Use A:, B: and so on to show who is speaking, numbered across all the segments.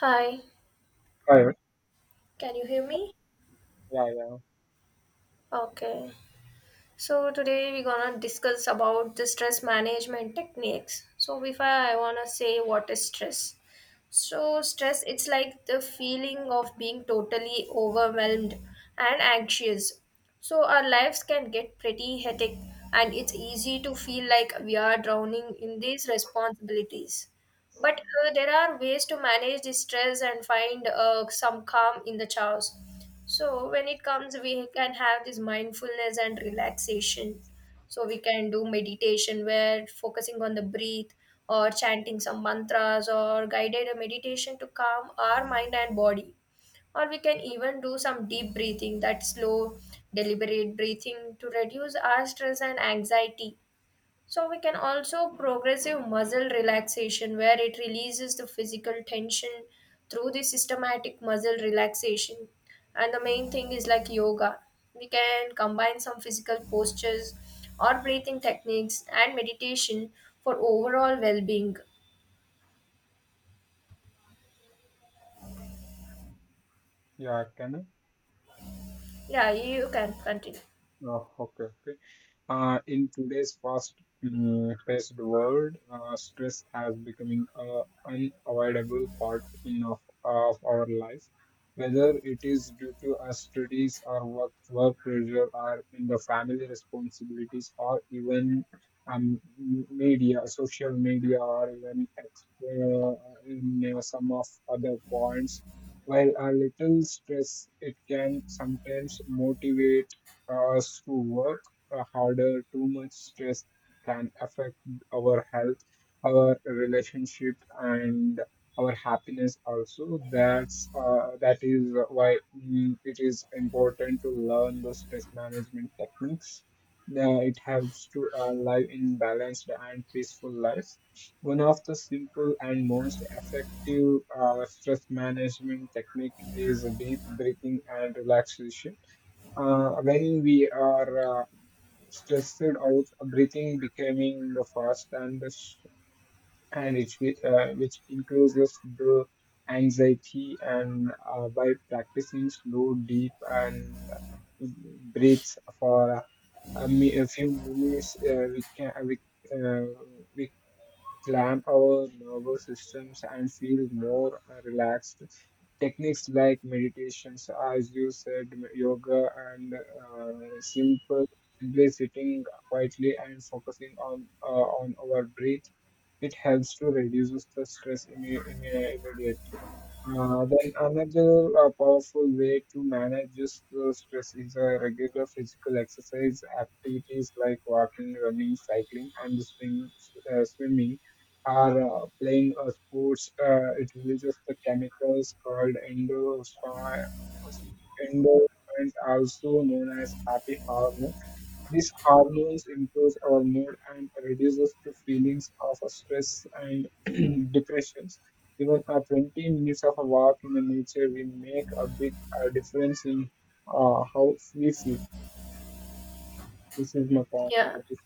A: Hi,
B: Correct.
A: can you hear me?
B: Yeah, yeah.
A: Okay. So today we're gonna discuss about the stress management techniques. So before I wanna say what is stress. So stress it's like the feeling of being totally overwhelmed and anxious. So our lives can get pretty hectic and it's easy to feel like we are drowning in these responsibilities. But there are ways to manage the stress and find some calm in the chaos. So when it comes, we can have this mindfulness and relaxation. So we can do meditation where focusing on the breath or chanting some mantras or guided meditation to calm our mind and body. Or we can even do some deep breathing, that slow, deliberate breathing to reduce our stress and anxiety. So we can also progressive muscle relaxation where it releases the physical tension through the systematic muscle relaxation. And the main thing is like yoga. We can combine some physical postures or breathing techniques and meditation for overall well-being.
B: You are, Ken.
A: Yeah, you can continue.
B: Oh, okay, okay. In today's fast, paced world, stress has becoming a unavoidable part of our life, whether it is due to our studies or work pressure or in the family responsibilities or even media, social media or even in some of other points. While a little stress, it can sometimes motivate us to work harder. Too much stress can affect our health, our relationship, and our happiness also. That is why it is important to learn the stress management techniques. It helps to live in balanced and peaceful lives. One of the simple and most effective stress management technique is deep breathing and relaxation when we are stressed out, breathing becoming the fast and which increases the anxiety and by practicing slow, deep and breaths for a few minutes. Uh, we can we, uh, we clamp our nervous systems and feel more relaxed. Techniques like meditations, as you said, yoga, and simple simply sitting quietly and focusing on our breath. It helps to reduce the stress immediately. Then another powerful way to manage this stress is regular physical exercise activities like walking, running, cycling, and swimming are playing sports. It releases the chemicals called endorphins, also known as happy hormone. These hormones improves our mood and reduces the feelings of stress and depressions. Even 20 minutes of a walk in the nature will make a big difference in how we feel. This is my point
A: Yeah.
B: for this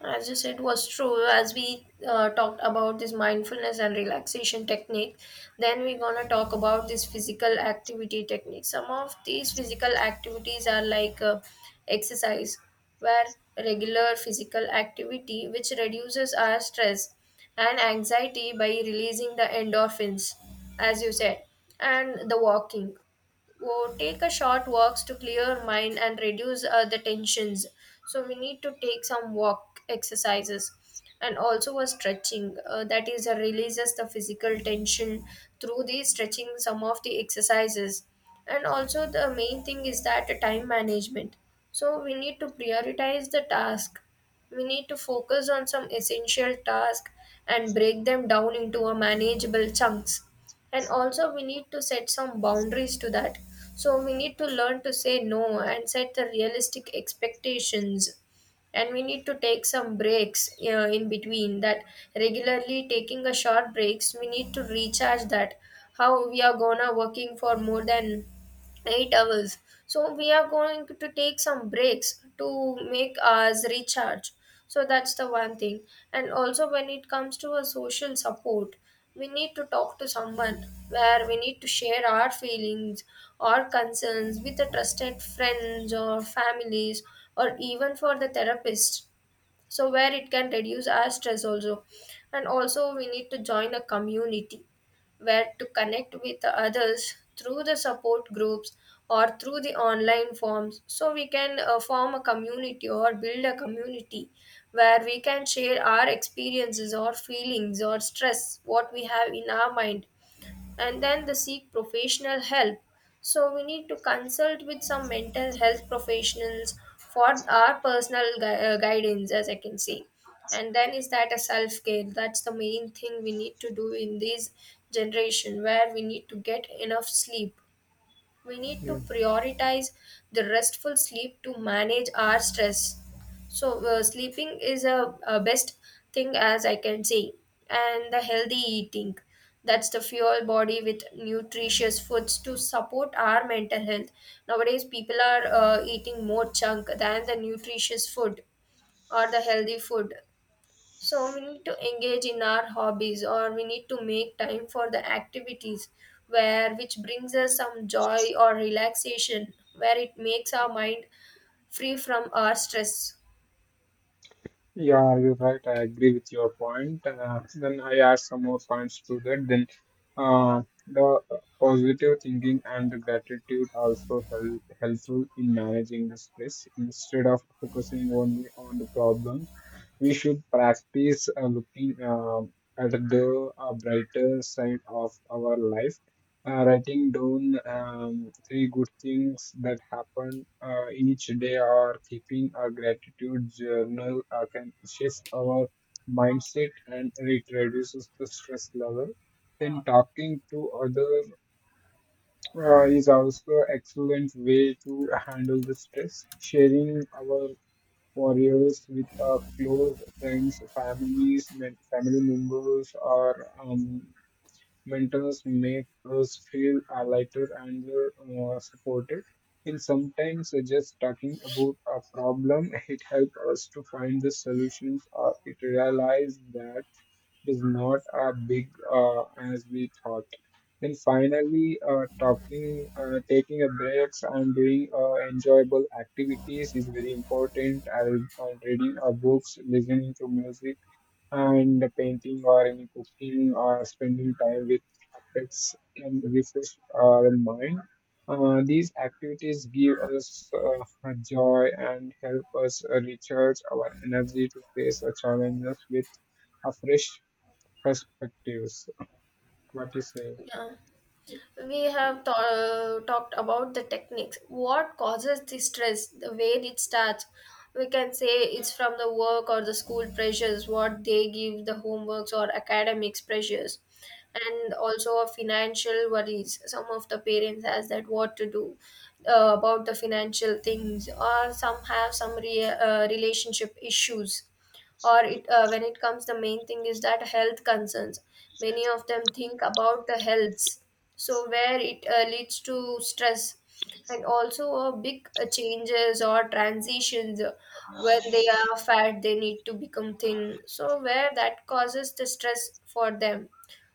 A: As you said, was true. As we talked about this mindfulness and relaxation technique, then we're gonna talk about this physical activity technique. Some of these physical activities are like exercise, where regular physical activity which reduces our stress and anxiety by releasing the endorphins, as you said, and the walking. Go take a short walks to clear mind and reduce the tensions. So we need to take some walk exercises and also a stretching that is releases the physical tension through the stretching some of the exercises, and also the main thing is that time management. So we need to prioritize the task, we need to focus on some essential task and break them down into a manageable chunks. And also we need to set some boundaries to that, so we need to learn to say no and set the realistic expectations. And we need to take some breaks in between that, regularly taking a short breaks. We need to recharge that, how we are gonna working for more than 8 hours, so we are going to take some breaks to make us recharge. So that's the one thing. And also when it comes to a social support, we need to talk to someone, where we need to share our feelings or concerns with the trusted friends or families, or even for the therapist, so where it can reduce our stress also. And also we need to join a community, where to connect with the others through the support groups or through the online forms, so we can form a community or build a community, where we can share our experiences or feelings or stress what we have in our mind. And then they seek professional help. So we need to consult with some mental health professionals for our personal guidance, as I can say. And then is that a self care? That's the main thing we need to do in this generation, where we need to get enough sleep, we need to
B: day.
A: prioritize the restful sleep to manage our stress. So, sleeping is a best thing, as I can say, and the healthy eating. That's the fuel body with nutritious foods to support our mental health. Nowadays, people are eating more junk than the nutritious food or the healthy food. So we need to engage in our hobbies, or we need to make time for the activities where which brings us some joy or relaxation, where it makes our mind free from our stress.
B: Yeah, you're right. I agree with your point. Then I add some more points to that. Then the positive thinking and the gratitude also helpful in managing the stress. Instead of focusing only on the problems, we should practice looking at the brighter side of our life, writing down three good things that happen each day or keeping a gratitude journal can shift our mindset and it reduces the stress level. Then talking to others is also excellent way to handle the stress. Sharing our warriors with our close friends, families, family members, or mentors make us feel lighter and supported. And sometimes just talking about a problem, it helps us to find the solutions or it realize that it is not as big as we thought. And finally, taking a breaks and doing enjoyable activities is very important. And reading books, listening to music, and the painting or any cooking or spending time with pets can refresh our mind. These activities give us joy and help us recharge our energy to face the challenges with a fresh perspectives. What do you say?
A: Yeah. We have talked about the techniques, what causes the stress, the way it starts. We can say it's from the work or the school pressures, what they give the homeworks or academics pressures, and also a financial worries. Some of the parents has that what to do about the financial things, or some have some relationship issues. Or it when it comes, the main thing is that health concerns. Many of them think about the healths, so where it leads to stress. And also big changes or transitions, when they are fat they need to become thin, so where that causes the stress for them.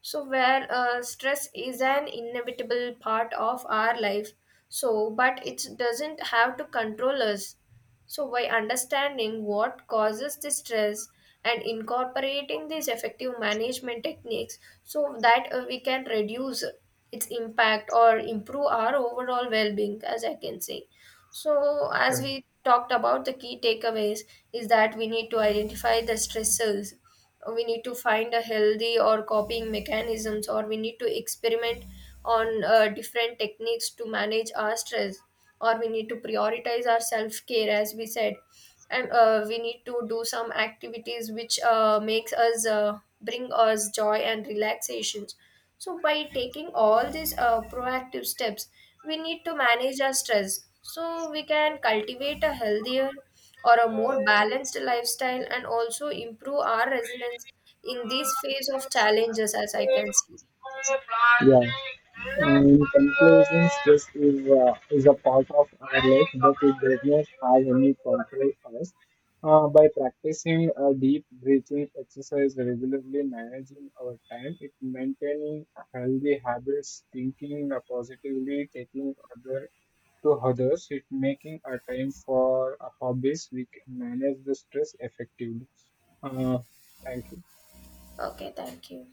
A: So where stress is an inevitable part of our life, so but it doesn't have to control us. So by understanding what causes the stress and incorporating these effective management techniques, so that we can reduce its impact or improve our overall well-being, as I can say. So, as
B: Yeah.
A: we talked about, the key takeaways is that we need to identify the stressors, we need to find a healthy or copying mechanisms, or we need to experiment on different techniques to manage our stress, or we need to prioritize our self care, as we said. And we need to do some activities which makes us bring us joy and relaxations. So, by taking all these proactive steps, we need to manage our stress so we can cultivate a healthier or a more balanced lifestyle, and also improve our resilience in this phase of challenges, as I can see.
B: Yeah. In conclusion, stress is a part of our life, but it does not have any control us. By practicing a deep breathing exercise regularly, managing our time, it maintaining healthy habits, thinking positively, taking other to others, it making a time for hobbies, we can manage the stress effectively. Uh, Thank you.
A: Okay, thank you.